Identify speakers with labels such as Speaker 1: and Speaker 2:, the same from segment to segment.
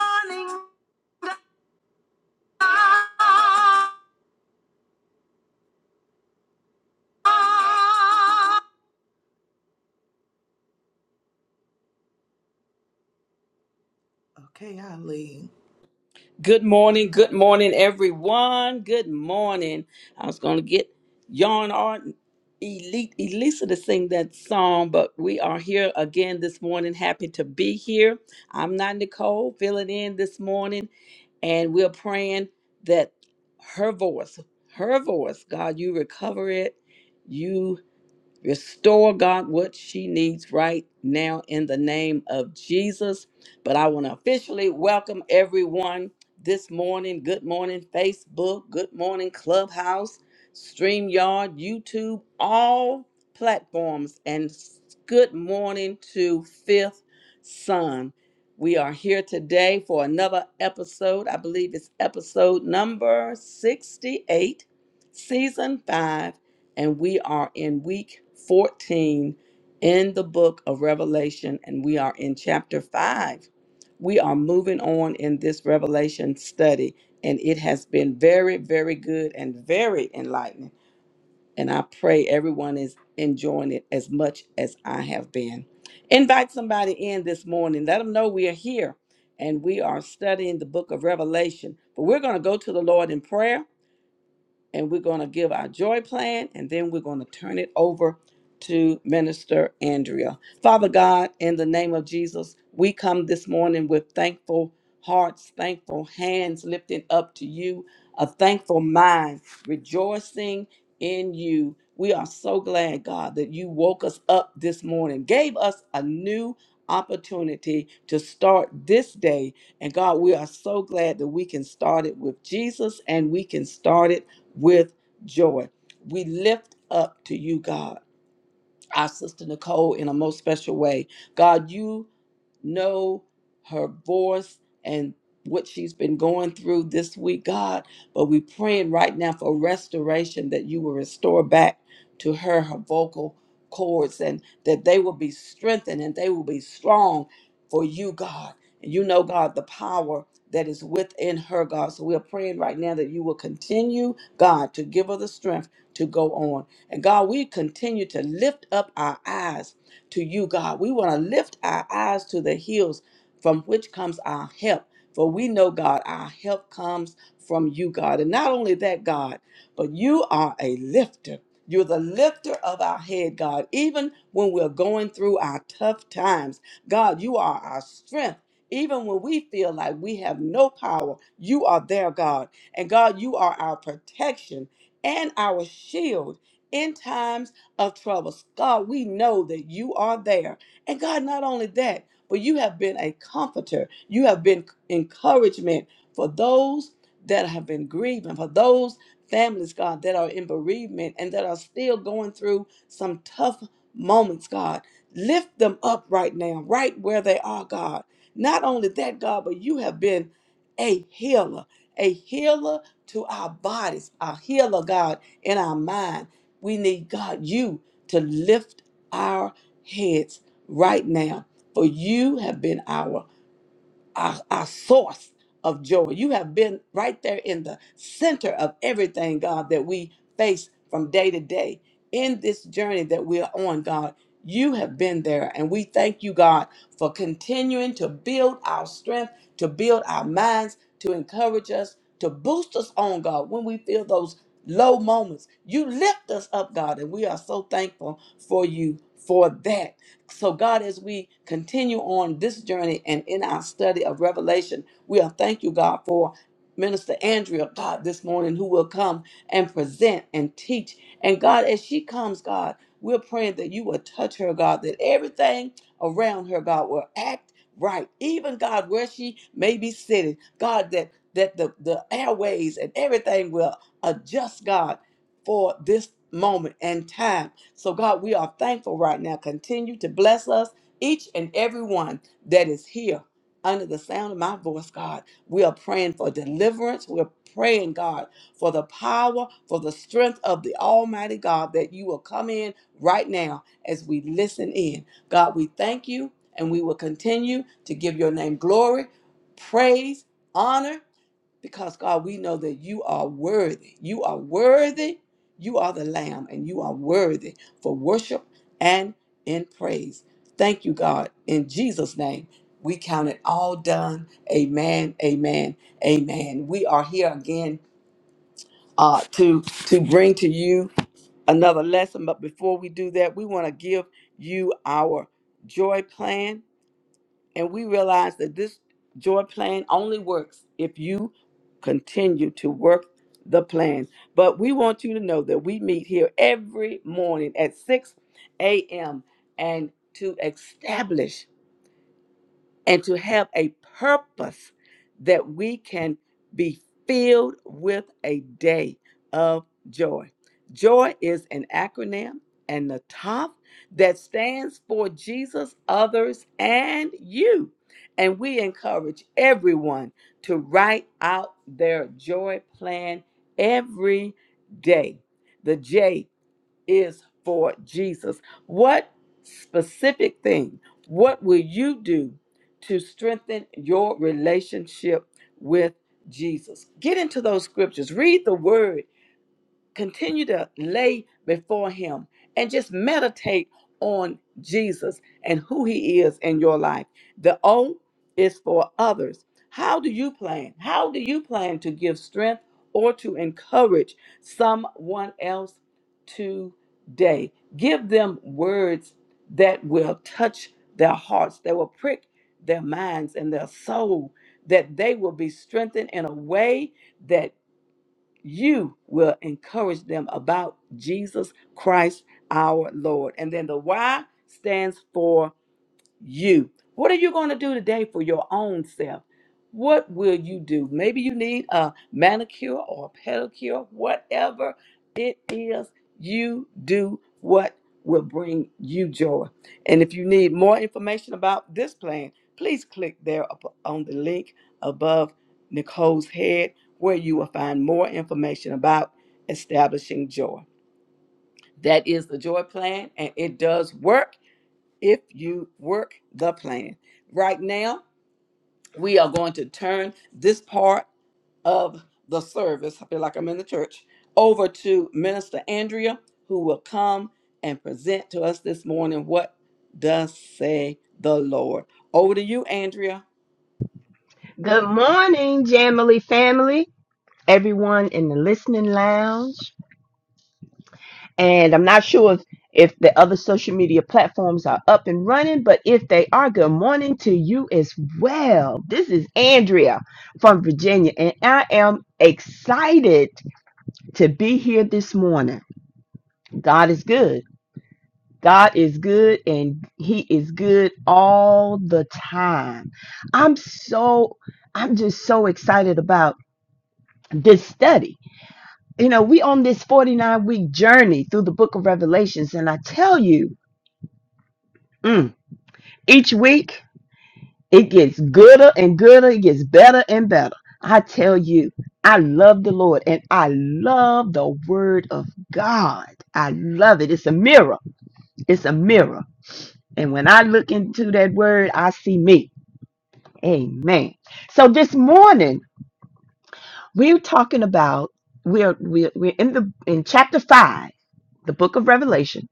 Speaker 1: morning star.
Speaker 2: Good morning, good morning, everyone. Good morning. I was going to get Yarn Art Elite Elisa to sing that song, but we are here again this morning. Happy to be here. I'm not Nicole, filling in this morning, and we're praying that her voice, her voice, God, you recover it. Restore God what she needs right now in the name of Jesus. But I want to officially welcome everyone this morning. Good morning, Facebook. Good morning, Clubhouse, StreamYard, YouTube, all platforms. And s- good morning to Fifth Son. We are here today for another episode. I believe it's episode number 68, season 5 and we are in week 14 in the book of Revelation, and we are in chapter 5. We are moving on in this Revelation study, and it has been very, very good and very enlightening. And I pray everyone is enjoying it as much as I have been. Invite somebody in this morning, let them know we are here and we are studying the book of Revelation. But we're going to go to the Lord in prayer and we're going to give our joy plan and then we're going to turn it over to Minister Andrea. Father God, in the name of Jesus, we come this morning with thankful hearts, thankful hands lifted up to you, a thankful mind, rejoicing in you. We are so glad, God, that you woke us up this morning, gave us a new opportunity to start this day. And God, we are so glad that we can start it with Jesus and we can start it with joy. We lift up to you, God, our sister Nicole, in a most special way. God, you know her voice and what she's been going through this week, God. But we're praying right now for restoration that you will restore back to her her vocal cords and that they will be strengthened and they will be strong for you, God. And you know, God, the power that is within her, God. So we are praying right now that you will continue, God, to give her the strength to go on. And God, we continue to lift up our eyes to you, God. We want to lift our eyes to the hills from which comes our help. For we know, God, our help comes from you, God. And not only that, God, but you are a lifter. You're the lifter of our head, God. Even when we're going through our tough times, God, you are our strength. Even when we feel like we have no power, you are there, God. And God, you are our protection and our shield in times of troubles. God, we know that you are there. And God, not only that, but you have been a comforter. You have been encouragement for those that have been grieving, for those families, God, that are in bereavement and that are still going through some tough moments, God. Lift them up right now, right where they are, God. Not only that, God, but you have been a healer, a healer to our bodies, a healer, God, in our minds. We need God, you, to lift our heads right now, for you have been our our, our source of joy. You have been right there in the center of everything, God, that we face from day to day in this journey that we are on, God. You have been there, and we thank you, God, for continuing to build our strength, to build our minds, to encourage us, to boost us on, God, when we feel those low moments. You lift us up, God, and we are so thankful for you for that. So, God, as we continue on this journey and in our study of Revelation, we are thank you, God, for Minister Andrea, God, this morning, who will come and present and teach. And God, as she comes, God, we're praying that you will touch her, God, that everything around her, God, will act right. Even God, where she may be sitting, God, that that the, the airways and everything will adjust, God, for this moment and time. So, God, we are thankful right now. Continue to bless us, each and every one that is here under the sound of my voice, God. We are praying for deliverance. We're praying, God, for the power, for the strength of the Almighty God that you will come in right now as we listen in. God, we thank you and we will continue to give your name glory, praise, honor, because God, we know that you are worthy. You are worthy. You are the Lamb, and you are worthy for worship and in praise. Thank you, God. In Jesus' name, we count it all done. Amen. Amen. Amen. We are here again uh, to to bring to you another lesson. But before we do that, we want to give you our joy plan and we realize that this joy plan only works if you continue to work the plan. But we want you to know that we meet here every morning at 6 a.m. and to establish and to have a purpose that we can be filled with a day of joy. Joy is an acronym and the top that stands for Jesus, others, and you. And we encourage everyone to write out their joy plan every day. The J is for Jesus. What specific thing, what will you do to strengthen your relationship with Jesus? Get into those scriptures, read the word continue to lay before him and just meditate on Jesus and who he is in your life. The O is for others. How do you plan? How do you plan to give strength or to encourage someone else today? Give them words that will touch their hearts, that will prick their minds and their soul, that they will be strengthened in a way that you will encourage them about Jesus Christ our Lord. And then the why stands for you. What are you going to do today for your own self? What will you do? Maybe you need a manicure or a pedicure, whatever it is, you do what will bring you joy. And if you need more information about this plan, please click there up on the link above Nicole's head where you will find more information about establishing joy. That is the joy plan, and it does work if you work the plan. Right now, we are going to turn this part of the service, I feel like I'm in the church, over to Minister Andrea, who will come and present to us this morning what does say the Lord. Over to you, Andrea.
Speaker 3: Good morning, Jamily family, everyone in the listening lounge. And I'm not sure if, if the other social media platforms are up and running, but if they are, good morning to you as well. This is Andrea from Virginia, and I am excited to be here this morning. God is good. God is good and he is good all the time. I'm so I'm just so excited about this study You know, we on this 49 week journey through the book of Revelations, and I tell you, mm, each week it gets gooder and gooder, it gets better and better. I tell you, I love the Lord and I love the word of God. I love it. It's a mirror. It's a mirror. And when I look into that word, I see me. Amen. So this morning, we're talking about we're we're, we're in the in chapter 5, the book of Revelation.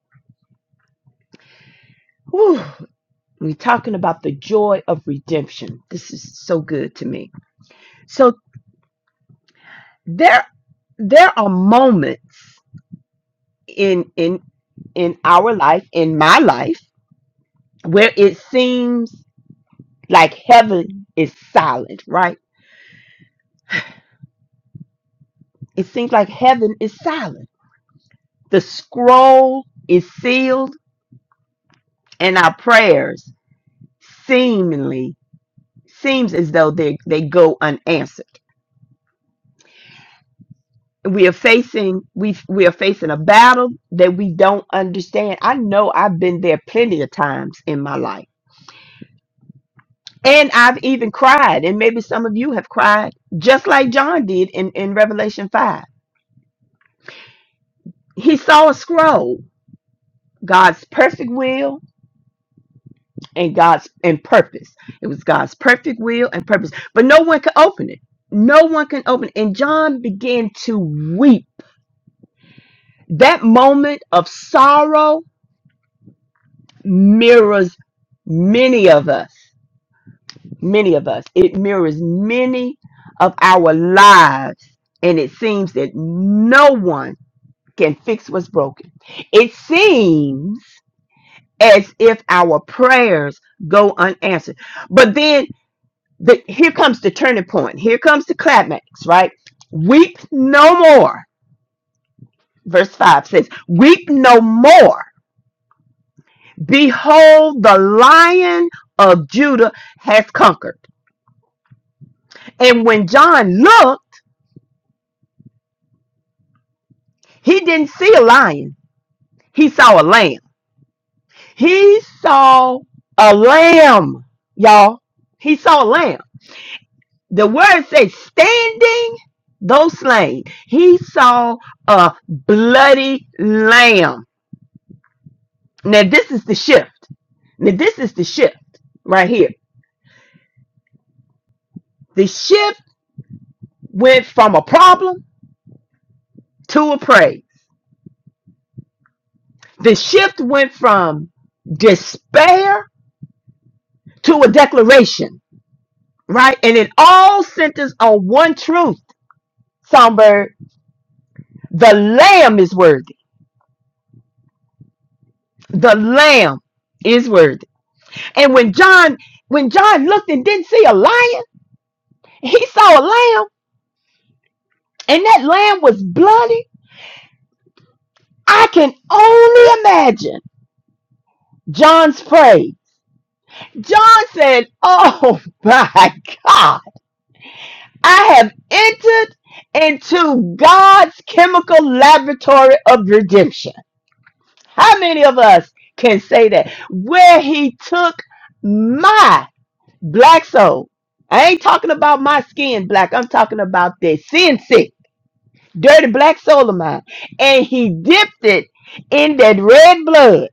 Speaker 3: Whew. We're talking about the joy of redemption. This is so good to me. So there there are moments in in in our life, in my life, where it seems like heaven is silent, right? It seems like heaven is silent. The scroll is sealed and our prayers seemingly seems as though they they go unanswered. we are facing we we are facing a battle that we don't understand. I know I've been there plenty of times in my life. And I've even cried, and maybe some of you have cried, just like John did in, in Revelation 5. He saw a scroll, God's perfect will and God's and purpose. It was God's perfect will and purpose. But no one could open it. No one can open it. And John began to weep. That moment of sorrow mirrors many of us, many of us. It mirrors many of our lives. And it seems that no one can fix what's broken. It seems as if our prayers go unanswered. But then the, here comes the turning point. Here comes the climax, right? Weep no more. Verse 5 says, Weep no more. Behold, the lion of Judah has conquered And when John looked, he didn't see a lion. He saw a lamb. He saw a lamb, y'all. He saw a lamb. The word says standing, though slain. He saw a bloody lamb. Now, this is the shift. Now, this is the shift right here. The shift went from a problem to a praise. The shift went from despair to a declaration. right? And it all centers on one truth, Songbird. The Lamb is worthy. The Lamb is worthy. And when John, when John looked and didn't see a lion, he saw a lamb, and that lamb was bloody. I can only imagine John's praise. John said, Oh my God, I have entered into God's chemical laboratory of redemption. How many of us can say that? Where he took my black soul. I ain't talking about my skin black. I'm talking about the sin sick, dirty black soul of mine. And he dipped it in that red blood.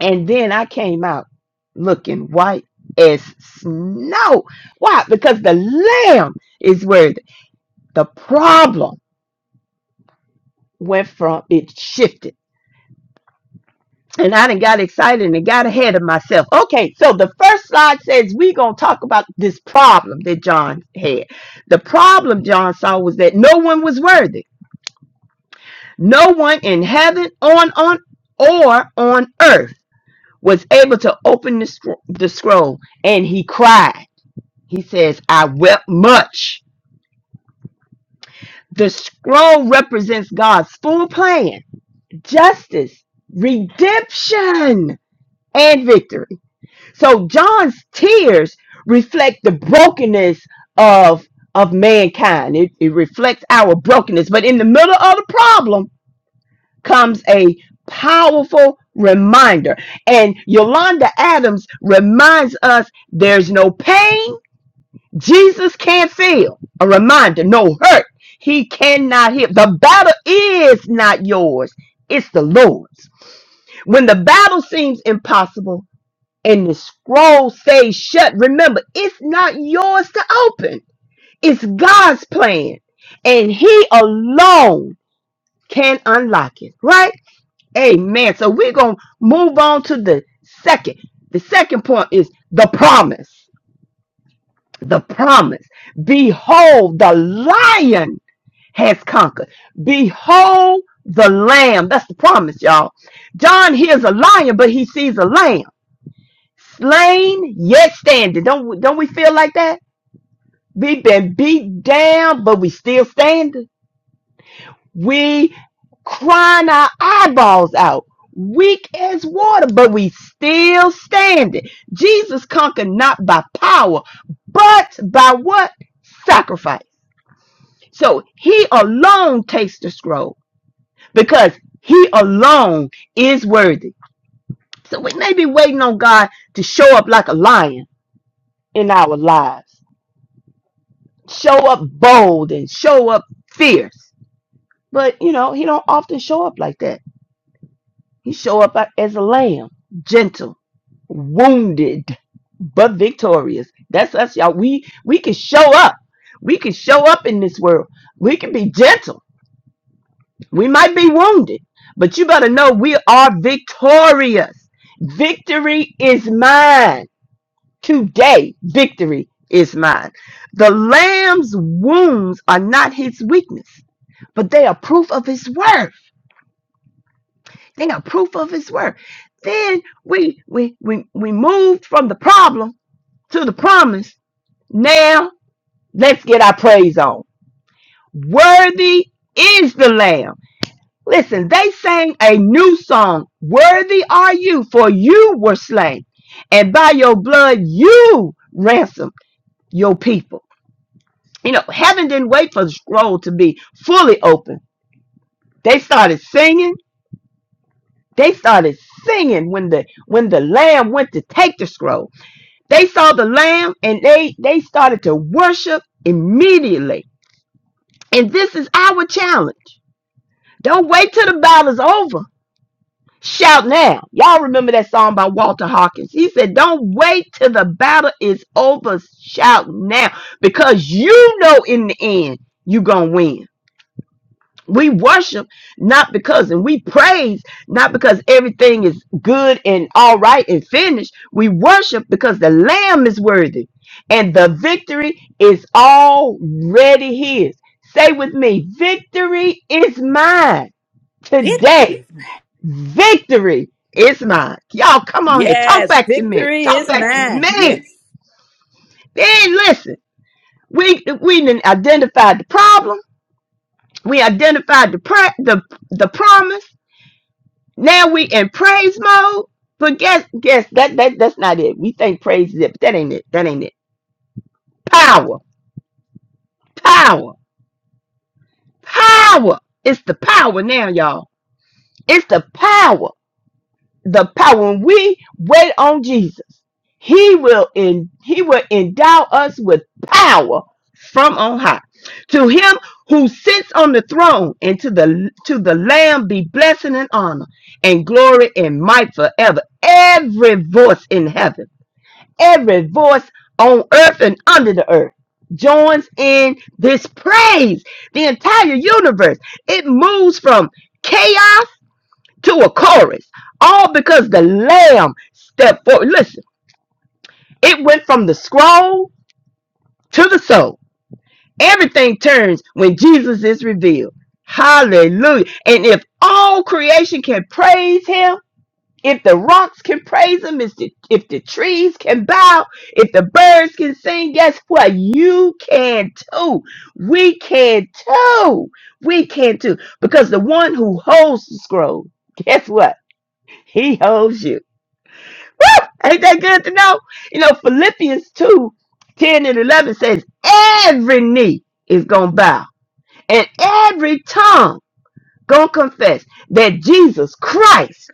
Speaker 3: And then I came out looking white as snow. Why? Because the lamb is worthy. The problem went from it shifted and I done got excited and got ahead of myself. Okay, so the first slide says we're gonna talk about this problem that John had. The problem John saw was that no one was worthy. No one in heaven, on on or on earth was able to open the, scr- the scroll, and he cried. He says, "I wept much." The scroll represents God's full plan, justice, redemption, and victory. So John's tears reflect the brokenness of of mankind. It, it reflects our brokenness. But in the middle of the problem comes a powerful reminder. And Yolanda Adams reminds us there's no pain Jesus can't feel. A reminder, no hurt he cannot heal. The battle is not yours. It's the Lord's. When the battle seems impossible, and the scroll stays shut. Remember, it's not yours to open. It's God's plan. And he alone can unlock it. Right? Amen. So we're going to move on to the second. The second point is the promise. The promise. Behold, the lion has conquered. Behold, the lamb. That's the promise, y'all. John hears a lion, but he sees a lamb. slain yet standing. Don't don't we feel like that? We've been beat down, but we still standing. We crying our eyeballs out, weak as water, but we still standing. Jesus conquered not by power, but by what sacrifice? So he alone takes the scroll because he alone is worthy. So we may be waiting on God to show up like a lion in our lives show up bold and show up fierce. But you know, he don't often show up like that. He show up as a lamb, gentle, wounded, but victorious. That's us, y'all. We we can show up. We can show up in this world. We can be gentle. We might be wounded, but you better know we are victorious. Victory is mine. Today, victory is mine. The lamb's wounds are not his weakness but they are proof of his word. They are proof of his word. Then we we we we moved from the problem to the promise. Now let's get our praise on. Worthy is the Lamb. Listen, they sang a new song. Worthy are you, for you were slain, and by your blood you ransomed your people. You know, heaven didn't wait for the scroll to be fully open. They started singing They started singing when the when the lamb went to take the scroll. They saw the lamb and they they started to worship immediately. And this is our challenge. Don't wait till the battle's over. Shout now. Y'all remember that song by Walter Hawkins. He said, Don't wait till the battle is over. Shout now. Because you know in the end you're gonna win. We worship not because, and we praise not because everything is good and all right and finished. We worship because the Lamb is worthy and the victory is already His. Say with me, victory is mine today.
Speaker 2: Victory.
Speaker 3: Victory is mine. Y'all, come on here. Talk
Speaker 2: Yes,
Speaker 3: back to me.
Speaker 2: victory
Speaker 3: Talk
Speaker 2: is
Speaker 3: back to
Speaker 2: mine.
Speaker 3: me.
Speaker 2: Yes.
Speaker 3: Then listen. We we didn't identify the problem. We identified the pra- the the promise Now we in praise mode, but guess guess that that that's not it. We think praise is it, but that ain't it. That ain't it. Power, power, power. It's the power now, y'all. It's the power. The power when we wait on Jesus, He will in He will endow us with power from on high. To Him who sits on the throne and to the to the Lamb be blessing and honor and glory and might forever. Every voice in heaven every voice on earth and under the earth joins in this praise. The entire universe, it moves from chaos to a chorus, all because the Lamb stepped forward. Listen, it went from the scroll to the soul. Everything turns when Jesus is revealed. Hallelujah. And if all creation can praise him, If the rocks can praise him, if the, if the trees can bow, if the birds can sing, guess what? You can too. We can too. We can too. Because the one who holds the scroll, guess what? He holds you. Woo! Ain't that good to know? You know, Philippians 2, 10 and 11 says, Every knee is going to bow, and every tongue going to confess that Jesus Christ.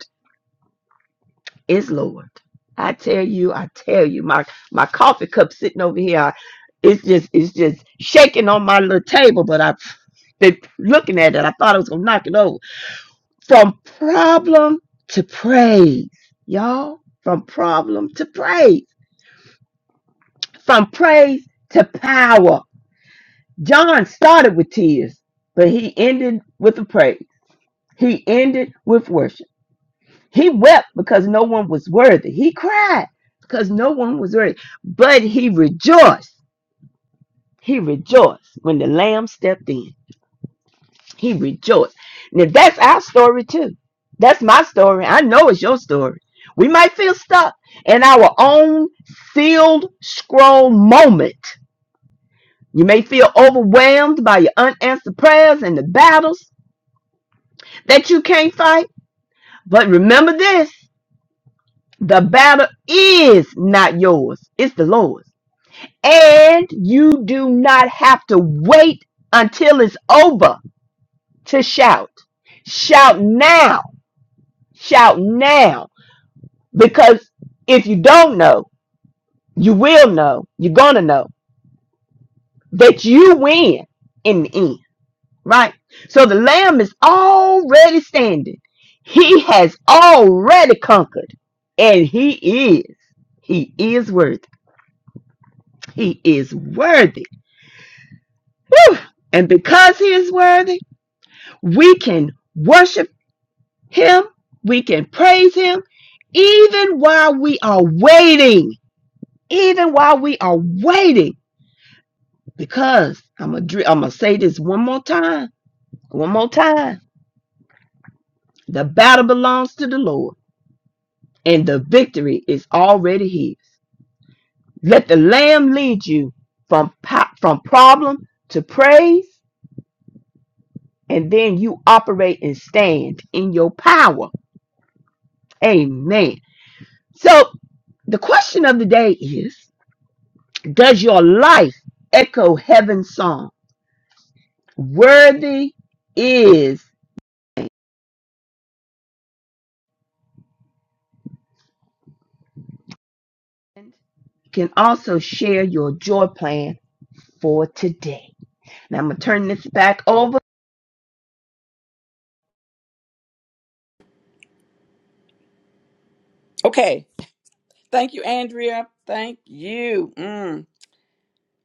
Speaker 3: is Lord. I tell you, I tell you, my my coffee cup sitting over here, I- it's just it's just shaking on my little table. But I've been looking at it. I thought I was gonna knock it over. From problem to praise, y'all. From problem to praise. From praise to power. John started with tears, but he ended with a praise. He ended with worship. He wept because no one was worthy. He cried because no one was worthy. But he rejoiced. He rejoiced when the lamb stepped in. He rejoiced. Now that's our story too. That's my story. I know it's your story. We might feel stuck in our own sealed scroll moment. You may feel overwhelmed by your unanswered prayers and the battles that you can't fight. But remember this the battle is not yours, it's the Lord's. And you do not have to wait until it's over to shout. Shout now. Shout now. Because if you don't know, you will know. You're going to know that you win in the end, right? So the Lamb is already standing. He has already conquered. And he is. He is worthy. He is worthy. Whew. And because he is worthy, We can worship Him, we can praise Him, even while we are waiting. Even while we are waiting, because I'm gonna am gonna say this one more time, one more time. The battle belongs to the Lord, and the victory is already His. Let the Lamb lead you from po- from problem to praise, and then you operate and stand in your power. Amen. So the question of the day is. Does your life echo heaven's song? Worthy is. You can also share your joy plan for today. Now I'm gonna turn this back over.
Speaker 2: Okay, Thank you, Andrea. Thank you. Mm.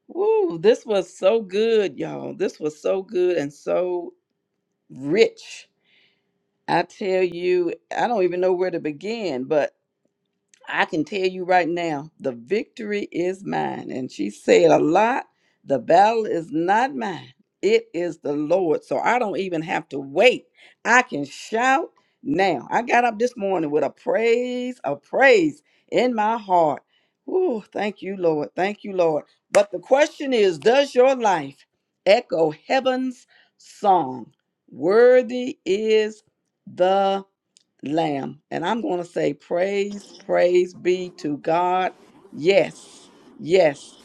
Speaker 2: Woo, this was so good, y'all. This was so good and so rich. I tell you, I don't even know where to begin, but I can tell you right now, the victory is mine. And she said a lot, the battle is not mine. It is the Lord. So I don't even have to wait. I can shout now. I got up this morning with a praise, a praise in my heart. Ooh, thank you, Lord. Thank you, Lord. But the question is, does your life echo heaven's song? Worthy is the lamb. And I'm going to say, Praise, praise be to God. Yes, yes.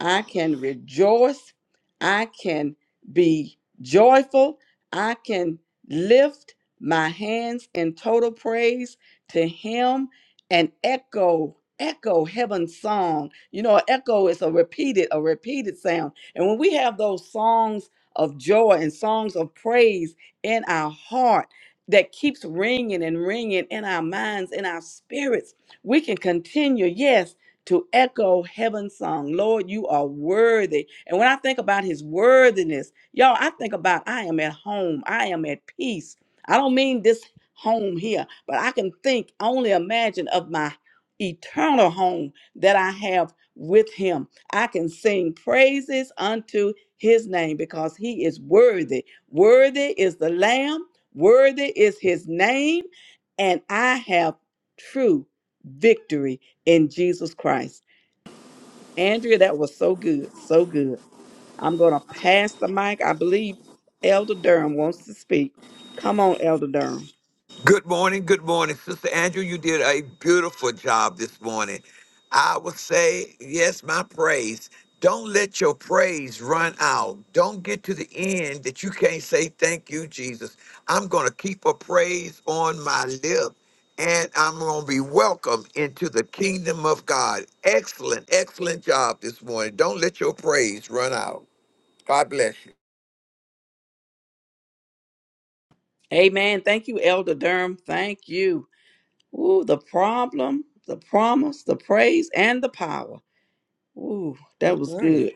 Speaker 2: I can rejoice. I can be joyful. I can lift my hands in total praise to Him and echo, echo heaven's song. You know, echo is a repeated, a repeated sound. And when we have those songs of joy and songs of praise in our heart, that keeps ringing and ringing in our minds, in our spirits. We can continue, yes, to echo heaven's song. Lord, you are worthy. And when I think about his worthiness, y'all, I think about I am at home. I am at peace. I don't mean this home here, but I can think, only imagine of my eternal home that I have with him. I can sing praises unto his name because he is worthy. Worthy is the Lamb, worthy is his name, and I have true victory in Jesus Christ. Andrea, that was so good, so good. I'm going to pass the mic. I believe Elder Durham wants to speak. Come on, Elder Durham.
Speaker 4: Good morning, good morning. Sister Andrew, you did a beautiful job this morning. I would say, yes, my praise. Don't let your praise run out. Don't get to the end that you can't say, Thank you, Jesus. I'm going to keep a praise on my lip and I'm going to be welcome into the kingdom of God. Excellent, excellent job this morning. Don't let your praise run out. God bless you.
Speaker 2: Amen. Thank you, Elder Durham. Thank you. Ooh, the problem, the promise, the praise, and the power. Ooh, that
Speaker 5: Good
Speaker 2: was
Speaker 5: morning.
Speaker 2: good.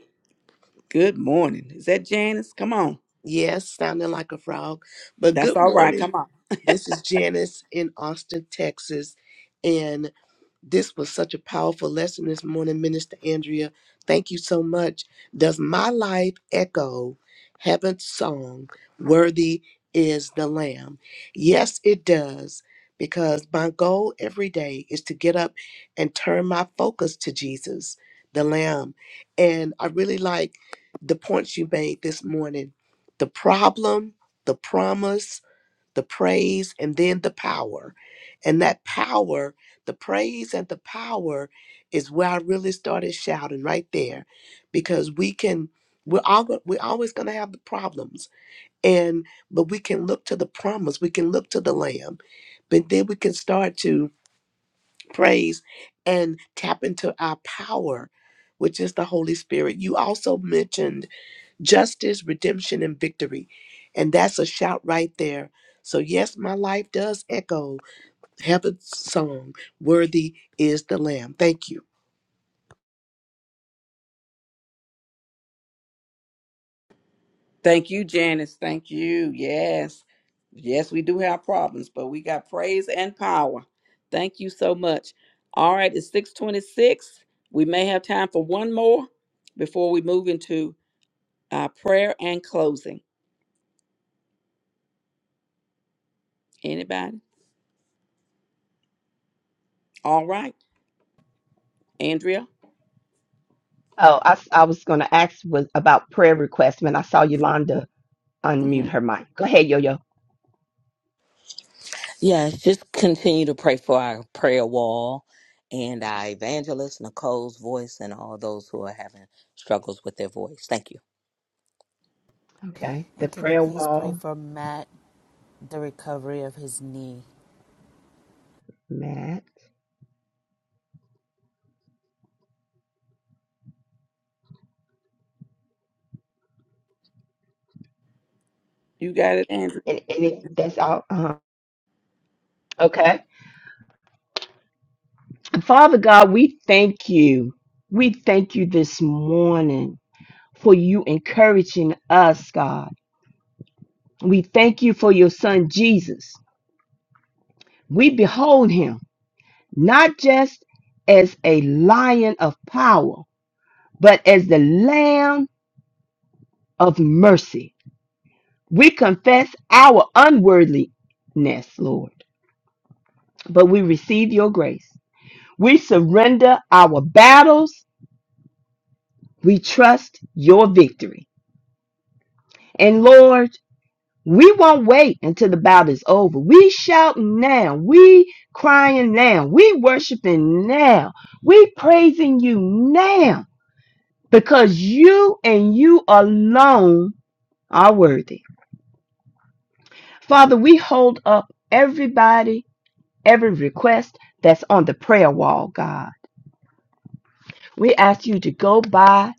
Speaker 2: Good morning. Is that Janice? Come on.
Speaker 5: Yes, sounding like a frog, but
Speaker 2: That's
Speaker 5: good
Speaker 2: all right.
Speaker 5: morning.
Speaker 2: Come on.
Speaker 5: This is Janice in Austin, Texas, and This was such a powerful lesson this morning, Minister Andrea. Thank you so much. Does my life echo heaven's song, Worthy is the Lamb? Yes, it does, because my goal every day is to get up and turn my focus to Jesus, the Lamb. And I really like the points you made this morning the problem, the promise, the praise and then the power. And that power, the praise and the power is where I really started shouting right there because we can we're all we're always going to have the problems and but we can look to the promise, we can look to the lamb. But then we can start to praise and tap into our power which is the Holy Spirit. You also mentioned justice, redemption, and victory. And that's a shout right there. So, yes, my life does echo heaven's song Worthy is the Lamb. Thank you.
Speaker 2: Thank you, Janice. Thank you. Yes. Yes, we do have problems, but we got praise and power. Thank you so much. All right, it's 626. We may have time for one more before we move into uh, prayer and closing. Anybody? All right. Andrea?
Speaker 3: Oh, I I was gonna ask was about prayer requests when I saw Yolanda unmute
Speaker 2: Mhm.
Speaker 3: her mic. Go ahead, Yo Yo.
Speaker 6: Yes, just continue to pray for our prayer wall and our evangelist, Nicole's voice, and all those who are having struggles with their voice. Thank you.
Speaker 3: Okay. The
Speaker 7: And can you
Speaker 3: prayer
Speaker 7: please pray
Speaker 3: wall
Speaker 7: for Matt, the recovery of his knee?
Speaker 3: mat.
Speaker 2: You got it, Andrea.
Speaker 3: And, and it, that's all. Uh, okay. Father God, we thank you. We thank you this morning for you encouraging us, God. We thank you for your son Jesus. We behold him not just as a lion of power, but as the lamb of mercy. We confess our unworthiness, Lord, but we receive your grace. We surrender our battles. We trust your victory. And Lord, we won't wait until the battle is over. We shouting now. We crying now. We worshiping now. We praising you now because you and you alone are worthy. Father, we hold up everybody, every request that's on the prayer wall, God. We ask you to go by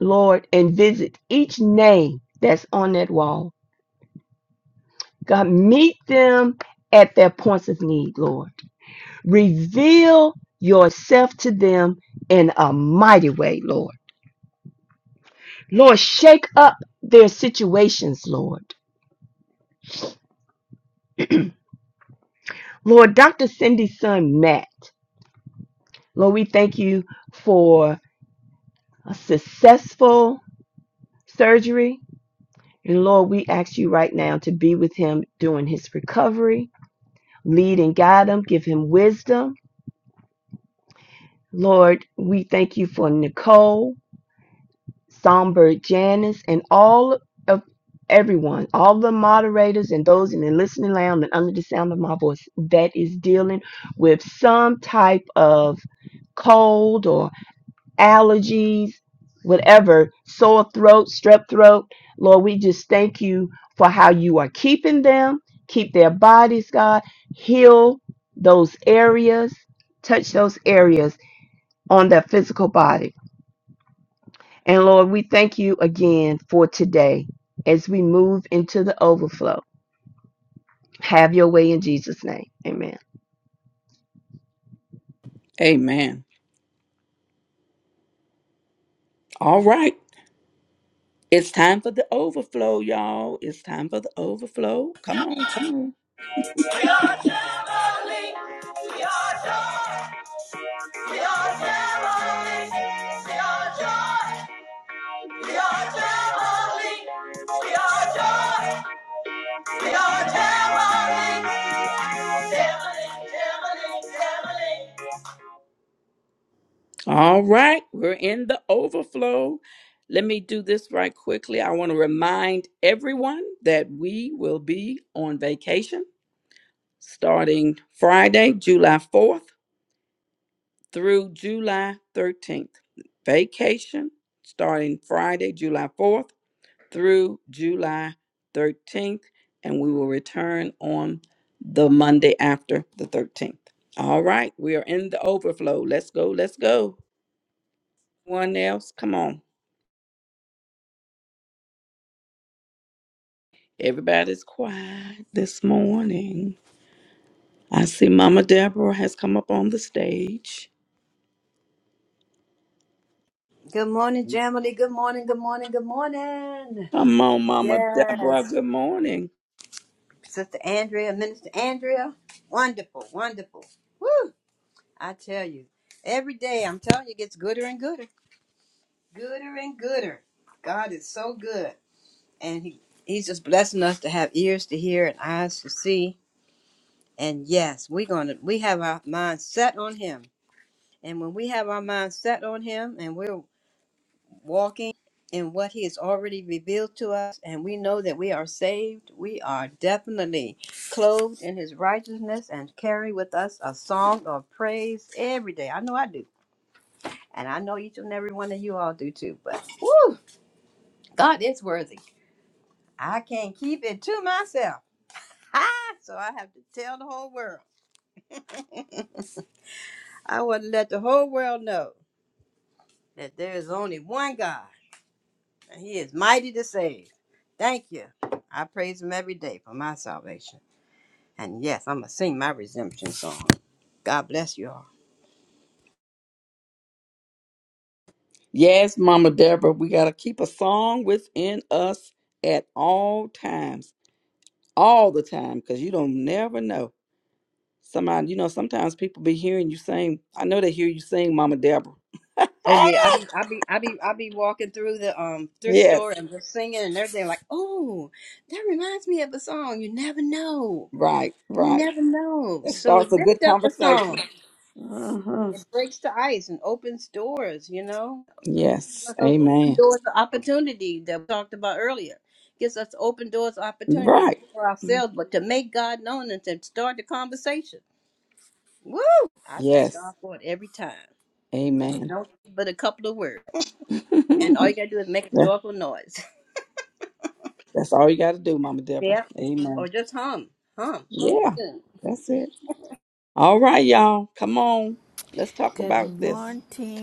Speaker 3: Lord, and visit each name that's on that wall. God, meet them at their points of need, Lord. Reveal yourself to them in a mighty way, Lord. Lord, shake up their situations, Lord. Lord, Dr. Cindy's son, Matt, Lord, we thank you for a successful surgery. And Lord, we ask you right now to be with him during his recovery. Lead and guide him, give him wisdom Lord, we thank you for Nicole, Songbird Janice, and all of everyone, all the moderators and those in the listening lounge and under the sound of my voice that is dealing with some type of cold or allergies, whatever, sore throat, strep throat. Lord, we just thank you for how you are keeping them, keep their bodies, God, heal those areas, touch those areas on their physical body. And Lord, we thank you again for today as we move into the overflow. Have your way in Jesus' name. Amen.
Speaker 2: Amen. All right. It's time for the overflow, y'all. It's time for the overflow. Come on, come on.
Speaker 1: We are traveling. We are joy. We are traveling. We are joy. We are traveling. We are joy. We are traveling. Traveling, traveling, traveling.
Speaker 2: All right, we're in the overflow. Let me do this right quickly. I want to remind everyone that we will be on vacation starting Friday, July 4th through July 13th. Vacation starting Friday, July 4th through July 13th, and we will return on the Monday after the 13th. All right, we are in the overflow. Let's go, let's go. One else, come on. Everybody's quiet this morning. I see Mama Deborah has come up on the stage.
Speaker 8: Good morning, Jamily. Good morning, good morning, good morning.
Speaker 2: Come on, Mama Deborah.
Speaker 8: Yes.
Speaker 2: Good morning.
Speaker 8: Sister Andrea, Minister Andrea. Wonderful, wonderful. Woo! I tell you, every day I'm telling you it gets gooder and gooder. Gooder and gooder. God is so good. And he, He's just blessing us to have ears to hear and eyes to see. And yes, we're gonna we have our minds set on him. And when we have our minds set on him and we're walking in what he has already revealed to us and we know that we are saved we are definitely clothed in his righteousness and carry with us a song of praise every day i know i do and i know each and every one of you all do too but woo, god is worthy i can't keep it to myself ah, so i have to tell the whole world i want to let the whole world know that there is only one god and he is mighty to save thank you i praise him every day for my salvation And yes, I'm gonna sing my resumption song. God bless you all.
Speaker 2: Yes, Mama Deborah, we got to keep a song within us at all times, all the time, because you don't never know. Somebody, you know, sometimes people be hearing you sing. I know they hear you sing, Mama Deborah.
Speaker 8: Oh yeah, I
Speaker 2: Ah!
Speaker 8: be I be I be I be walking through the um thrift
Speaker 2: yes,
Speaker 8: store and just singing and everything like, oh, that reminds me of a song. You never know.
Speaker 2: right,
Speaker 8: You
Speaker 2: right.
Speaker 8: never know.
Speaker 2: That
Speaker 8: So
Speaker 2: starts a good
Speaker 8: lift up a song.
Speaker 2: conversation. Uh-huh.
Speaker 8: It breaks the ice and opens doors, you know? Gives
Speaker 2: Yes,
Speaker 8: us
Speaker 2: amen.
Speaker 8: open doors of opportunity that we talked about earlier. Gives us open doors of opportunity not
Speaker 2: Right.
Speaker 8: for ourselves, but to make God known and to start the conversation. Woo! I thank
Speaker 2: Yes.
Speaker 8: God for it every time. 'cause it's
Speaker 2: Amen.
Speaker 8: no but a couple of words. And all you gotta do is make a
Speaker 2: That-
Speaker 8: joyful noise.
Speaker 2: that's all you got to do, Mama Deborah.
Speaker 8: Yeah,
Speaker 2: Amen.
Speaker 8: Or just hum. Hum. Hum a
Speaker 2: Yeah.
Speaker 8: tune.
Speaker 2: That's it. All right, y'all. Come on. Let's talk
Speaker 7: Good
Speaker 2: about this.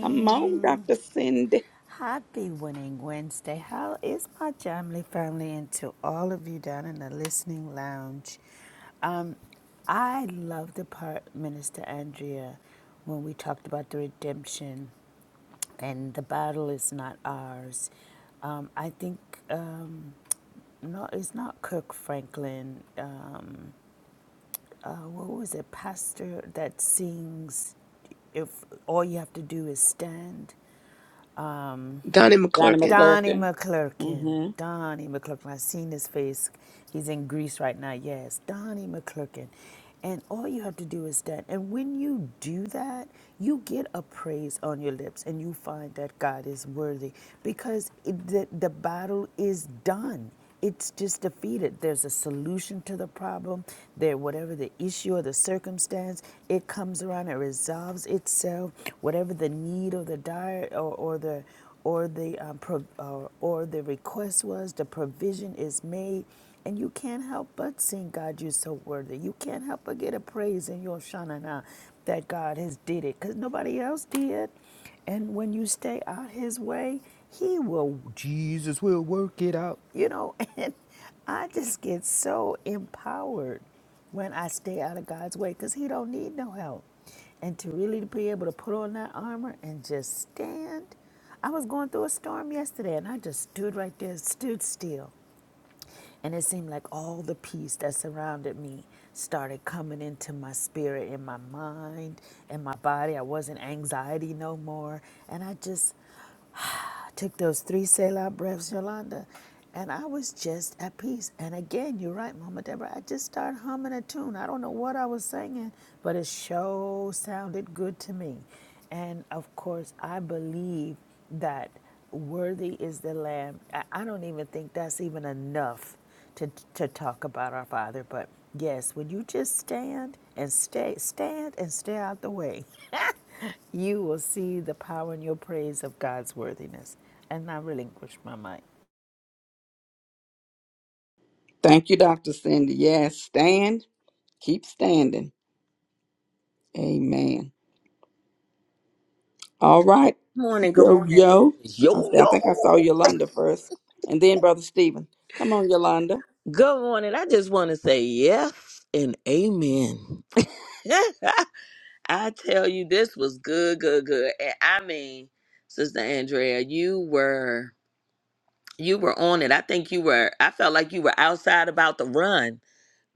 Speaker 2: Come on, Dr. Cindy.
Speaker 7: Happy Winning Wednesday. How is my Jamly family and to all of you down in the listening lounge? Um, I love the part, Minister Andrea, when we talked about the redemption and the battle is not ours. Um, I think, um, no, it's not Kirk Franklin. Um, uh, what was it, pastor that sings, if all you have to do is stand. Um,
Speaker 5: Donnie
Speaker 2: Johnny
Speaker 5: McClurkin.
Speaker 7: Donnie
Speaker 2: McClurkin.
Speaker 7: McClurkin.
Speaker 2: Mm-hmm.
Speaker 7: Donnie McClurkin. I've seen his face. He's in Greece right now. Yes, Donnie McClurkin. And all you have to do is that. And when you do that, you get a praise on your lips and you find that God is worthy because it, the, the battle is done it's just defeated. There's a solution to the problem. There, whatever the issue or the circumstance, it comes around. It resolves itself. Whatever the need or the dire or, or the or the um, pro, uh, or the request was the provision is made and you can't help but sing god you're so worthy you can't help but get a praise in your shanana that god has did it because nobody else did and when you stay out his way he will jesus will work it out you know and i just get so empowered when i stay out of god's way because he don't need no help and to really be able to put on that armor and just stand. I was going through a storm yesterday and I just stood right there, stood still. And it seemed like all the peace that surrounded me started coming into my spirit, in my mind, in my body. I wasn't anxiety no more. And I just I took those three Selah breaths, Yolanda, and I was just at peace. And again, you're right, Mama Deborah. I just started humming a tune. I don't know what I was singing, but it sure sounded good to me. And of course, I believe that worthy is the Lamb. I, I don't even think that's even enough to, to talk about our Father. But yes, when you just stand and stay, stand and stay out the way, you will see the power and your praise of God's worthiness. And I relinquish my mic.
Speaker 2: Thank you, Dr. Cindy. Yes. Stand. Keep standing. Amen. All right.
Speaker 6: Morning, good
Speaker 2: Yo,
Speaker 6: morning.
Speaker 2: yo. I s-
Speaker 6: Yo,
Speaker 2: I think I saw
Speaker 6: yo.
Speaker 2: Yolanda first. And then Brother Stephen. Come on, Yolanda.
Speaker 6: Good morning. I just want to say yes and amen. I tell you, this was good, good, good. And I mean, Sister Andrea, you were you were on it. I think you were I felt like you were outside about to run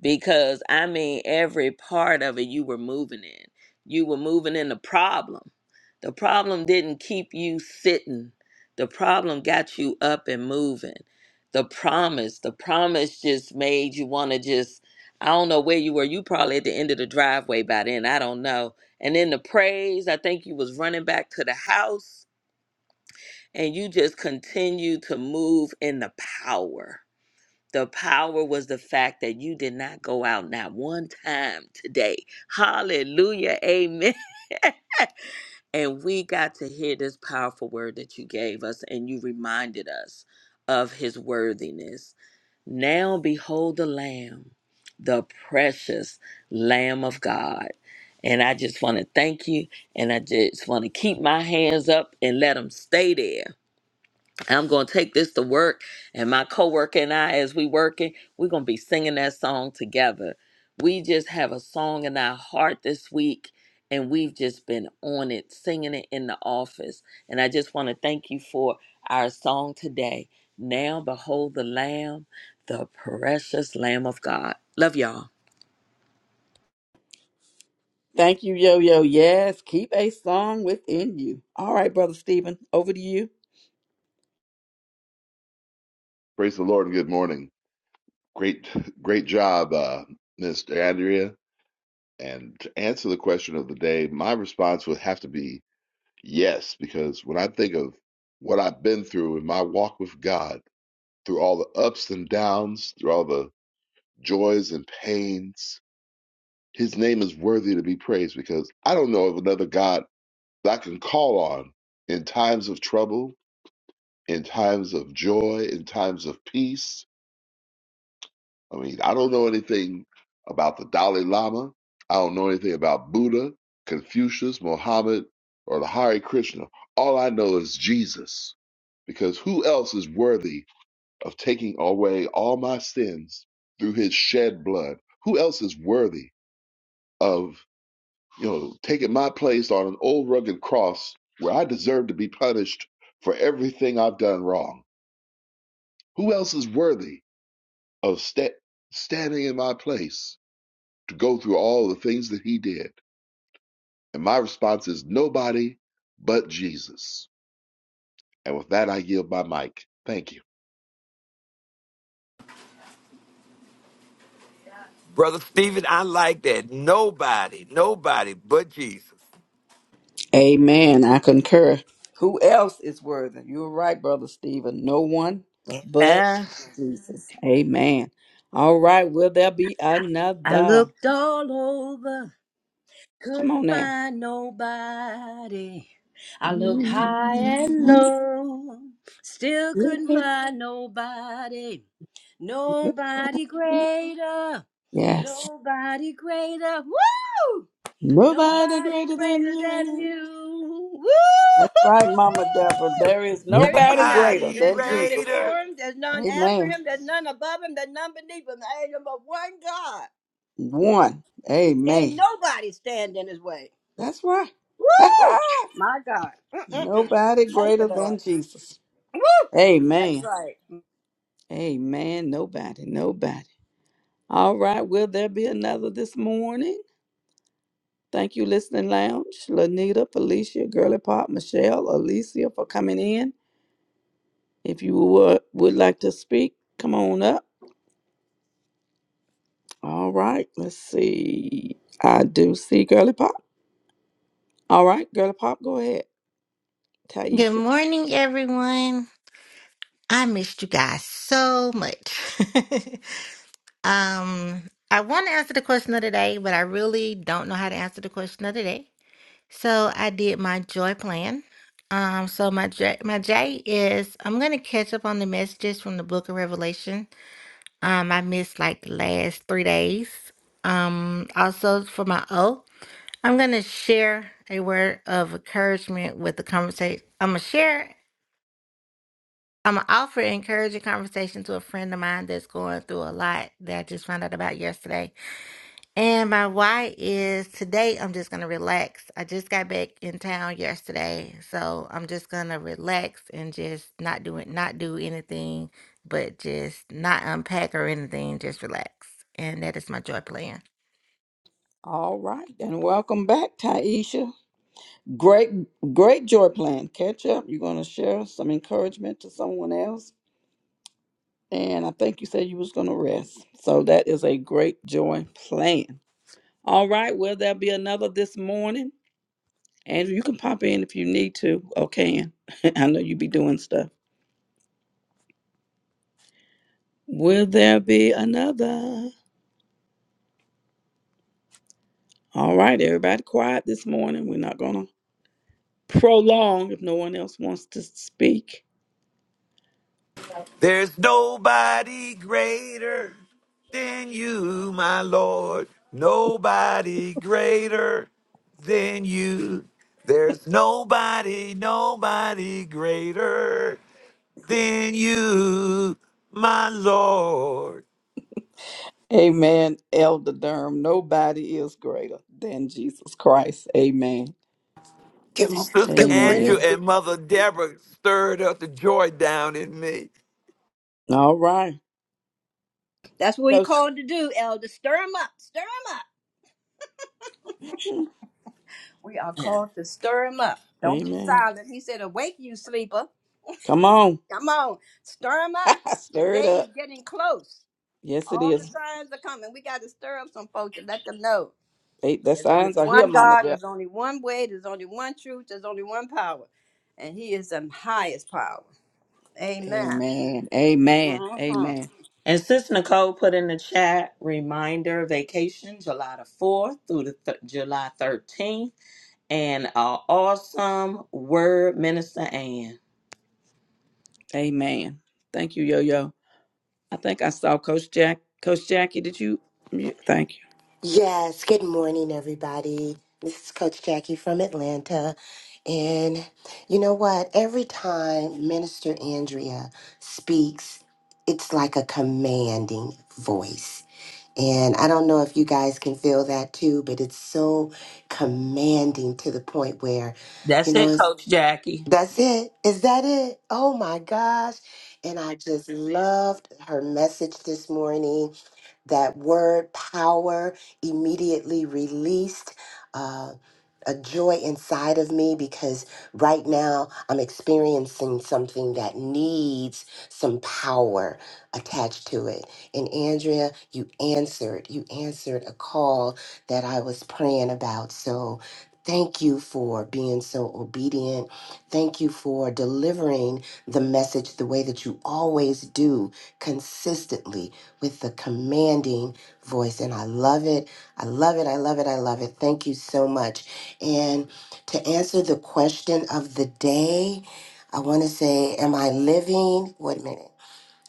Speaker 6: because I mean, every part of it you were moving in. You were moving in the problem. The problem didn't keep you sitting, the problem got you up and moving. The promise, the promise just made you want to just, I don't know where you were. You probably at the end of the driveway by then. I don't know. And then the praise, I think you was running back to the house and you just continue to move in the power the power was the fact that you did not go out not one time today. Hallelujah. Amen. and we got to hear this powerful word that you gave us and you reminded us of his worthiness. Now behold the Lamb, the precious Lamb of God. And I just want to thank you and I just want to keep my hands up and let them stay there I'm gonna take this to work, and my coworker and I, as we working, we're gonna be singing that song together. We just have a song in our heart this week, and we've just been on it, singing it in the office. And I just want to thank you for our song today. Now behold the Lamb, the precious Lamb of God. Love y'all.
Speaker 2: Thank you, Yo Yo. Yes, keep a song within you. All right, Brother Stephen, over to you.
Speaker 9: Praise the Lord and good morning. Great, great job, uh, Miss Andrea. And to answer the question of the day, my response would have to be yes, because when I think of what I've been through in my walk with God, through all the ups and downs, through all the joys and pains, His name is worthy to be praised because I don't know of another God that I can call on in times of trouble, in times of joy, in times of peace I mean, I don't know anything about the Dalai Lama. I don't know anything about Buddha, Confucius, Mohammed, or the Hare Krishna. All I know is Jesus, because who else is worthy of taking away all my sins through his shed blood? Who else is worthy of, you know, taking my place on an old rugged cross where I deserve to be punished for everything I've done wrong? Who else is worthy of sta- standing in my place? to go through all the things that he did. And my response is nobody but Jesus. And with that, I yield my mic. Thank you.
Speaker 4: Brother Stephen, I like that. Nobody, nobody but Jesus.
Speaker 2: Amen. I concur. Who else is worthy? You're right, Brother Stephen. No one but
Speaker 6: Amen.
Speaker 2: Jesus. Amen. All right, will there be
Speaker 8: I
Speaker 2: another?
Speaker 8: looked all over,
Speaker 2: Come
Speaker 8: couldn't
Speaker 2: on now.
Speaker 8: find nobody. I looked high and low, still couldn't find nobody. Nobody greater,
Speaker 2: Yes.
Speaker 8: nobody greater. Woo!
Speaker 2: Nobody
Speaker 8: Nobody
Speaker 2: greater than
Speaker 8: greater than
Speaker 2: you.
Speaker 8: you. Woo!
Speaker 2: That's right, Mama Deborah. There is
Speaker 8: There is
Speaker 2: nobody
Speaker 8: none.
Speaker 2: greater
Speaker 4: Nobody
Speaker 8: There's
Speaker 2: than
Speaker 8: none
Speaker 2: Jesus.
Speaker 4: greater.
Speaker 8: before him. There's none after
Speaker 2: Amen.
Speaker 8: him. There's none above him. There's none beneath him. There's but one God.
Speaker 2: One.
Speaker 8: Can't
Speaker 2: Amen.
Speaker 8: nobody stand in his way.
Speaker 2: That's right.
Speaker 8: Woo! My God.
Speaker 2: Nobody
Speaker 8: Thank you,
Speaker 2: greater
Speaker 8: Lord.
Speaker 2: than Jesus.
Speaker 8: Woo! That's
Speaker 2: Amen.
Speaker 8: right.
Speaker 2: Amen. Nobody. Nobody. All right. Will there be another this morning? Thank you, Listening Lounge, Lanita, Felicia, Girly Pop, Michelle, Alicia for coming in. If you would, would like to speak, come on up. All right. Let's see. I do see Girly Pop. All right. Girly Pop, go ahead.
Speaker 10: Good
Speaker 2: Taisha.
Speaker 10: morning, everyone. I missed you guys so much. um, I want to answer the question of the day, but I really don't know how to answer the question of the day. So I did my joy plan. Um, so my J, my J is I'm gonna catch up on the messages from the Book of Revelation. Um, I missed like the last three days. Um, also for my O, I'm gonna share a word of encouragement with the conversation. I'm gonna share. I'm gonna offer encouraging conversation to a friend of mine that's going through a lot that I just found out about yesterday. And my why is today I'm just gonna relax. I just got back in town yesterday, so I'm just gonna relax and just not do it, not do anything, but just not unpack or anything, just relax. And that is my joy plan.
Speaker 2: All right. And welcome back, Taisha. Great, great joy plan. Catch up. You're going to share some encouragement to someone else. And I think you said you was going to rest. So that is a great joy plan. All right. Will there be another this morning? Andrew, you can pop in if you need to or can. I know you be doing stuff. Will there be another? All right. Everybody quiet this morning. We're not going to prolong if no one else wants to speak.
Speaker 4: There's nobody greater than you, my Lord. Nobody greater than you. There's nobody, nobody greater than you, my Lord.
Speaker 2: Amen, Elder Durham. Nobody is greater than Jesus Christ. Amen.
Speaker 11: Good, mo-
Speaker 4: Sister
Speaker 11: good
Speaker 4: Andrew
Speaker 2: Amen.
Speaker 11: morning.
Speaker 4: and Mother Deborah stirred up the joy down in me.
Speaker 2: All right.
Speaker 8: That's what we're
Speaker 2: Yes.
Speaker 8: called to do, Elder. Stir him up. Stir him up.
Speaker 2: Hmm.
Speaker 8: We are
Speaker 6: Yeah.
Speaker 8: called to stir him up. Don't be
Speaker 2: Amen.
Speaker 8: silent. He said, Awake, you sleeper.
Speaker 2: Come on.
Speaker 8: Come on. Stir him up. The
Speaker 2: Stir it
Speaker 8: day
Speaker 2: up.
Speaker 8: is getting close.
Speaker 2: Yes, it
Speaker 8: All the
Speaker 2: is.
Speaker 8: signs are coming. We got to stir up some folks to let them know
Speaker 2: Hey, The
Speaker 8: there's only
Speaker 2: signs are here,
Speaker 8: one
Speaker 2: Mama.
Speaker 8: God, and
Speaker 2: Deb.
Speaker 8: there's only one way, there's only one truth, there's only one power, and He is the highest power. Amen.
Speaker 2: Amen. Amen.
Speaker 8: hmm
Speaker 2: Amen.
Speaker 6: And Sis Nicole put in the chat reminder vacation July the 4th through the th- July 13th. and our awesome word, Minister Ann.
Speaker 2: Amen. Thank you, Yo Yo. I think I saw Coach Jack. Coach Jackie, did you? you- Thank you.
Speaker 11: Yes, good morning, everybody. This is Coach Jackie from Atlanta. And you know what? Every time Minister Andrea speaks, it's like a commanding voice. And I don't know if you guys can feel that too, but it's so commanding to the point where, you
Speaker 6: That's
Speaker 11: know,
Speaker 6: it,
Speaker 11: it's,
Speaker 6: Coach Jackie.
Speaker 11: that's it. Is that it? Oh my gosh. And I just loved her message this morning that word power immediately released. Um, a joy inside of me because right now I'm experiencing something that needs some power attached to it. And Andrea, you answered. You answered a call that I was praying about. So thank you for being so obedient. Thank you for delivering the message the way that you always do, consistently with the commanding voice. And I love it. I love it. I love it. I love it. Thank you so much and to answer the question of the day, I want to say, am I living? Wait a minute.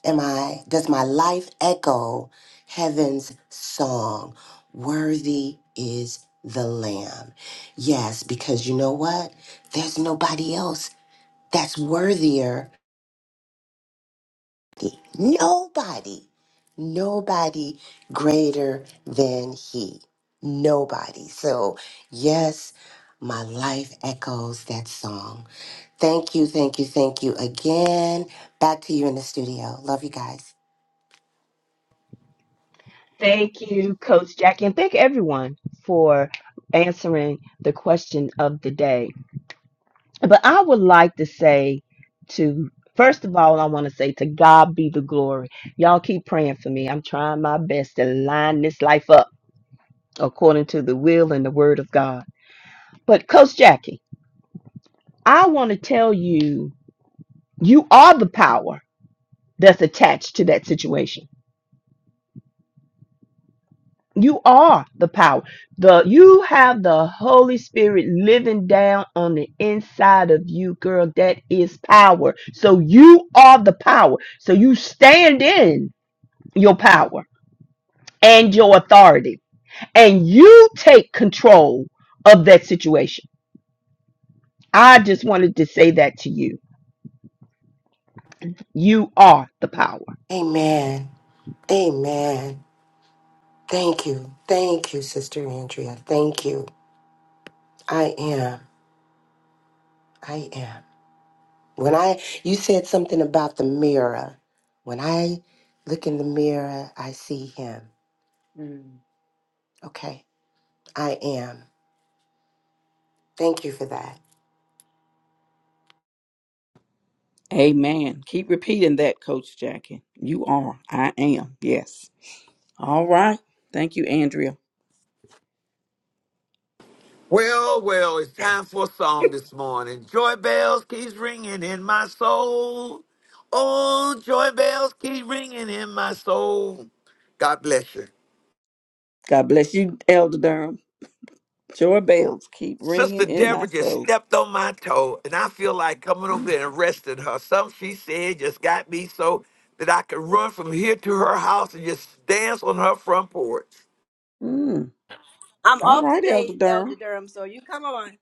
Speaker 11: Am I, does my life echo heaven's song? Worthy is the Lamb. Yes, because you know what? There's nobody else that's worthier Nobody, nobody greater than He. Nobody. So, yes, my life echoes that song. Thank you, thank you, thank you again. Back to you in the studio. Love you guys.
Speaker 3: Thank you, Coach Jackie, and thank everyone for answering the question of the day. But I would like to say to first of all, I want to say to God be the glory. Y'all keep praying for me. I'm trying my best to line this life up according to the will and the word of God. But Coach Jackie, I want to tell you, you are the power that's attached to that situation. You are the power. The you have the Holy Spirit living down on the inside of you, girl. That is power. So you are the power. So you stand in. your power and your authority and you take control of that situation. I just wanted to say that to you. You are the power.
Speaker 11: Amen. Amen. Thank you. Thank you, Sister Andrea. Thank you. I am. I am. When I, you said something about the mirror. When I look in the mirror, I see Him. Mm, okay, I am. Thank you for that.
Speaker 2: Amen. Keep repeating that, Coach Jackie. You are. I am. Yes. All right. Thank you, Andrea.
Speaker 4: Well, well, it's time for a song this morning. Joy bells keeps ringing in my soul. Oh, joy bells keep ringing in my soul. God bless you.
Speaker 2: God bless you, Elder Durham. Your bells keep
Speaker 4: Sister
Speaker 2: ringing in my
Speaker 4: Deborah just
Speaker 2: soul.
Speaker 4: stepped on my toe, and I feel like coming over
Speaker 2: Mm.
Speaker 4: there and resting her. Something she said just got me so that I could run from here to her house and just dance on her front porch.
Speaker 2: Mm.
Speaker 8: I'm
Speaker 2: All
Speaker 8: off
Speaker 2: right, Elder
Speaker 8: today, Elder
Speaker 2: Durham.
Speaker 8: Durham. So you come on.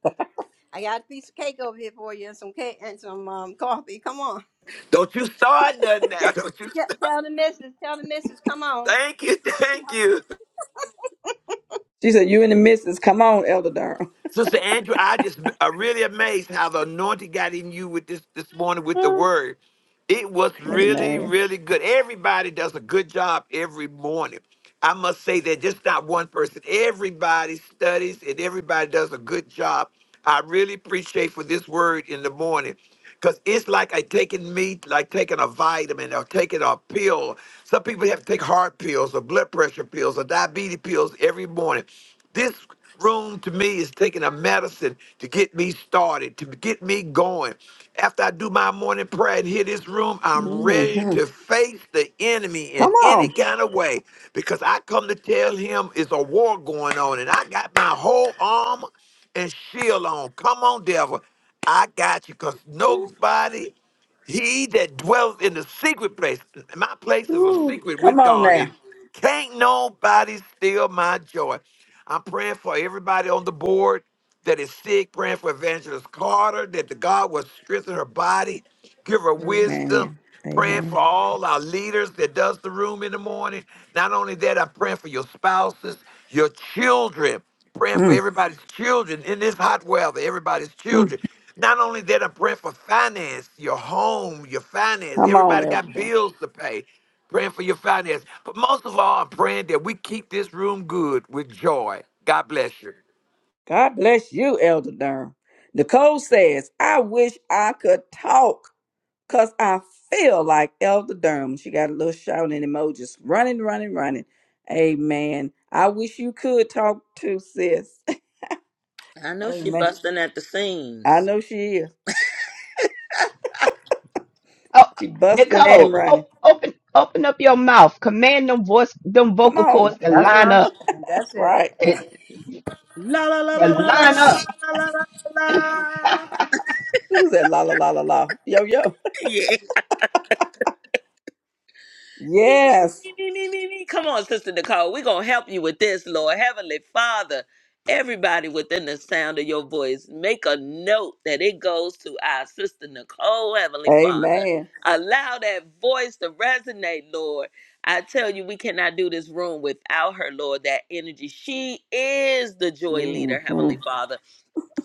Speaker 8: I got a piece of cake over here for you, and some cake and some um, coffee. Come on.
Speaker 4: Don't you start nothing
Speaker 8: Te-
Speaker 4: now. Don't you
Speaker 8: te-
Speaker 4: start.
Speaker 8: Tell the missus, tell the missus, come on.
Speaker 4: Thank you. Thank you.
Speaker 2: She said, You and the missus. Come on, Elder Durham.
Speaker 4: Sister Andrew, I just I'm really amazed how the anointing got in you with this this morning with the
Speaker 2: Mm.
Speaker 4: word. It was really,
Speaker 2: Amen.
Speaker 4: really good. Everybody does a good job every morning. I must say that just not one person. Everybody studies and everybody does a good job. I really appreciate for this word in the morning. Cause it's like I taking meat, like taking a vitamin or taking a pill. Some people have to take heart pills or blood pressure pills or diabetes pills every morning. This room to me is taking a medicine to get me started, to get me going. After I do my morning prayer and hit this room, I'm ready
Speaker 2: hmm
Speaker 4: to face the enemy in
Speaker 2: Come
Speaker 4: any
Speaker 2: on.
Speaker 4: kind of way because I come to tell him it's a war going on and I got my whole armor and shield on. Come on, devil. I got you because nobody, he that dwells in the secret place, my place is a
Speaker 2: Ooh,
Speaker 4: secret
Speaker 2: come
Speaker 4: with
Speaker 2: on
Speaker 4: God.
Speaker 2: now.
Speaker 4: Can't nobody steal my joy. I'm praying for everybody on the board that is sick, praying for Evangelist Carter, that the God will strengthen her body, give her wisdom,
Speaker 2: Amen.
Speaker 4: praying
Speaker 2: Amen.
Speaker 4: for all our leaders that does the room in the morning. Not only that, I'm praying for your spouses, your children, praying for
Speaker 2: Mm,
Speaker 4: everybody's children in this hot weather, everybody's
Speaker 2: mm.
Speaker 4: children. Not only that, I'm praying for finance, your home, your finance.
Speaker 2: Come on,
Speaker 4: Everybody
Speaker 2: Elder
Speaker 4: got
Speaker 2: Durham.
Speaker 4: bills to pay praying for your finances. But most of all, I'm praying that we keep this room good with joy. God bless you.
Speaker 2: God bless you, Elder Durham. Nicole says, I wish I could talk. Cause I feel like Elder Durham. She got a little shouting emojis. Running, running, running. Amen. I wish you could talk to sis.
Speaker 6: I know she
Speaker 2: Amen.
Speaker 6: busting at the
Speaker 2: I
Speaker 6: seams.
Speaker 2: know she is.
Speaker 3: Oh,
Speaker 2: She busting and
Speaker 3: Nicole, o-
Speaker 2: running.
Speaker 3: open open up your mouth. Command them voice them
Speaker 2: Come
Speaker 3: vocal
Speaker 2: on.
Speaker 3: cords to
Speaker 8: That's what
Speaker 3: line
Speaker 8: I'm
Speaker 3: up.
Speaker 8: saying.
Speaker 2: That's
Speaker 8: That's it.
Speaker 2: right.
Speaker 3: eh,
Speaker 6: La la la
Speaker 3: To
Speaker 6: la la la la
Speaker 3: line up.
Speaker 6: la la la la. la.
Speaker 2: Who's that? La la la la la. Yo yo.
Speaker 6: Yeah. me,
Speaker 2: Yes.
Speaker 6: me, me, me, me, me. Come on, Sister Nicole. We're going to help you with this, Lord. Heavenly Father, everybody within the sound of your voice, make a note that it goes to our Sister Nicole, Heavenly Father.
Speaker 2: Amen.
Speaker 6: Allow that voice to resonate, Lord. I tell you, we cannot do this room without her, Lord, that energy. She is the joy leader, Heavenly
Speaker 2: Mhm,
Speaker 6: Father.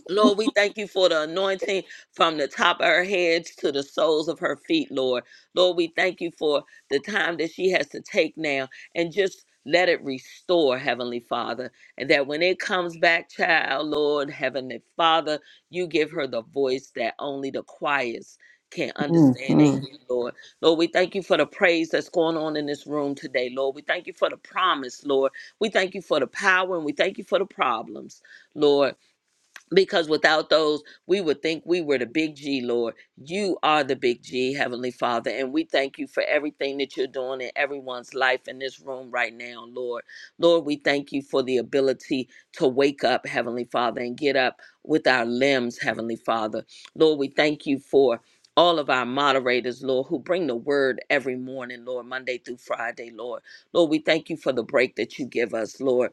Speaker 6: Lord, we thank you for the anointing from the top of her head to the soles of her feet, Lord. Lord, we thank you for the time that she has to take now and just let it restore, Heavenly Father. And that when it comes back, child, Lord, Heavenly Father, you give her the voice that only the choirs can understand and
Speaker 2: mhm.
Speaker 6: hear, Lord. Lord, we thank you for the praise that's going on in this room today, Lord. We thank you for the promise, Lord. We thank you for the power and we thank you for the problems, Lord because without those, we would think we were the big G, Lord. You are the big G, Heavenly Father. And we thank you for everything that you're doing in everyone's life in this room right now, Lord. Lord, we thank you for the ability to wake up, Heavenly Father, and get up with our limbs, Heavenly Father. Lord, we thank you for. All of our moderators, Lord, who bring the word every morning, Lord, Monday through Friday, Lord. Lord, we thank you for the break that you give us, Lord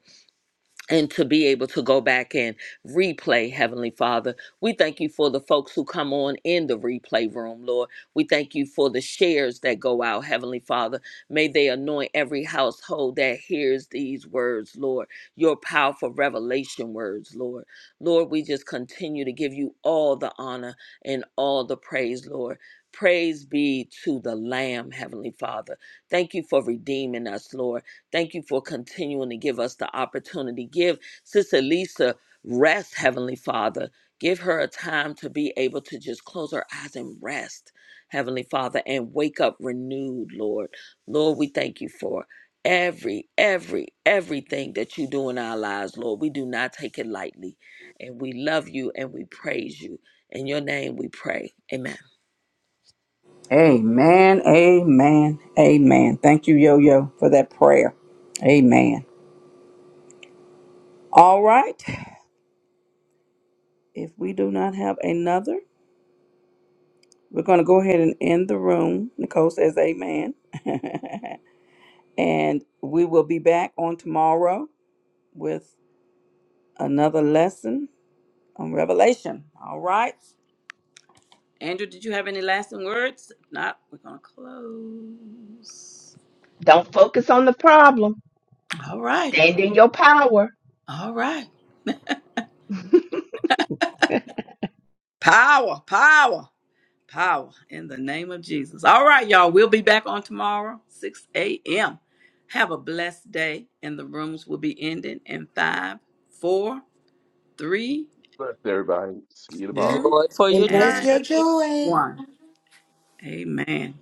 Speaker 6: and to be able to go back and replay, Heavenly Father. We thank you for the folks who come on in the replay room, Lord. We thank you for the shares that go out, Heavenly Father. May they anoint every household that hears these words, Lord, your powerful revelation words, Lord. Lord, we just continue to give you all the honor and all the praise, Lord. Praise be to the Lamb, Heavenly Father. Thank you for redeeming us, Lord. Thank you for continuing to give us the opportunity. Give Sister Lisa rest, Heavenly Father. Give her a time to be able to just close her eyes and rest, Heavenly Father, and wake up renewed, Lord. Lord, we thank you for every, every, everything that you do in our lives, Lord. We do not take it lightly. And we love you and we praise you. In your name we pray. Amen.
Speaker 2: Amen. Amen. Amen. Thank you, Yo Yo, for that prayer. Amen. All right. If we do not have another. We're going to go ahead and end the room. Nicole says amen. and we will be back on tomorrow with another lesson on Revelation. All right. Andrew, did you have any lasting words? If not, we're going to close.
Speaker 3: Don't focus on the problem.
Speaker 2: All right.
Speaker 3: Stand in your power.
Speaker 2: All right. Power, power, power in the name of Jesus. All right, y'all. We'll be back on tomorrow, 6 a.m. Have a blessed day. And the rooms will be ending in five, four, three,
Speaker 9: Bless everybody. See you tomorrow.
Speaker 2: two,
Speaker 6: Joy for your
Speaker 11: Embrace
Speaker 2: and
Speaker 11: your
Speaker 6: journey.
Speaker 11: joy.
Speaker 2: one. Amen.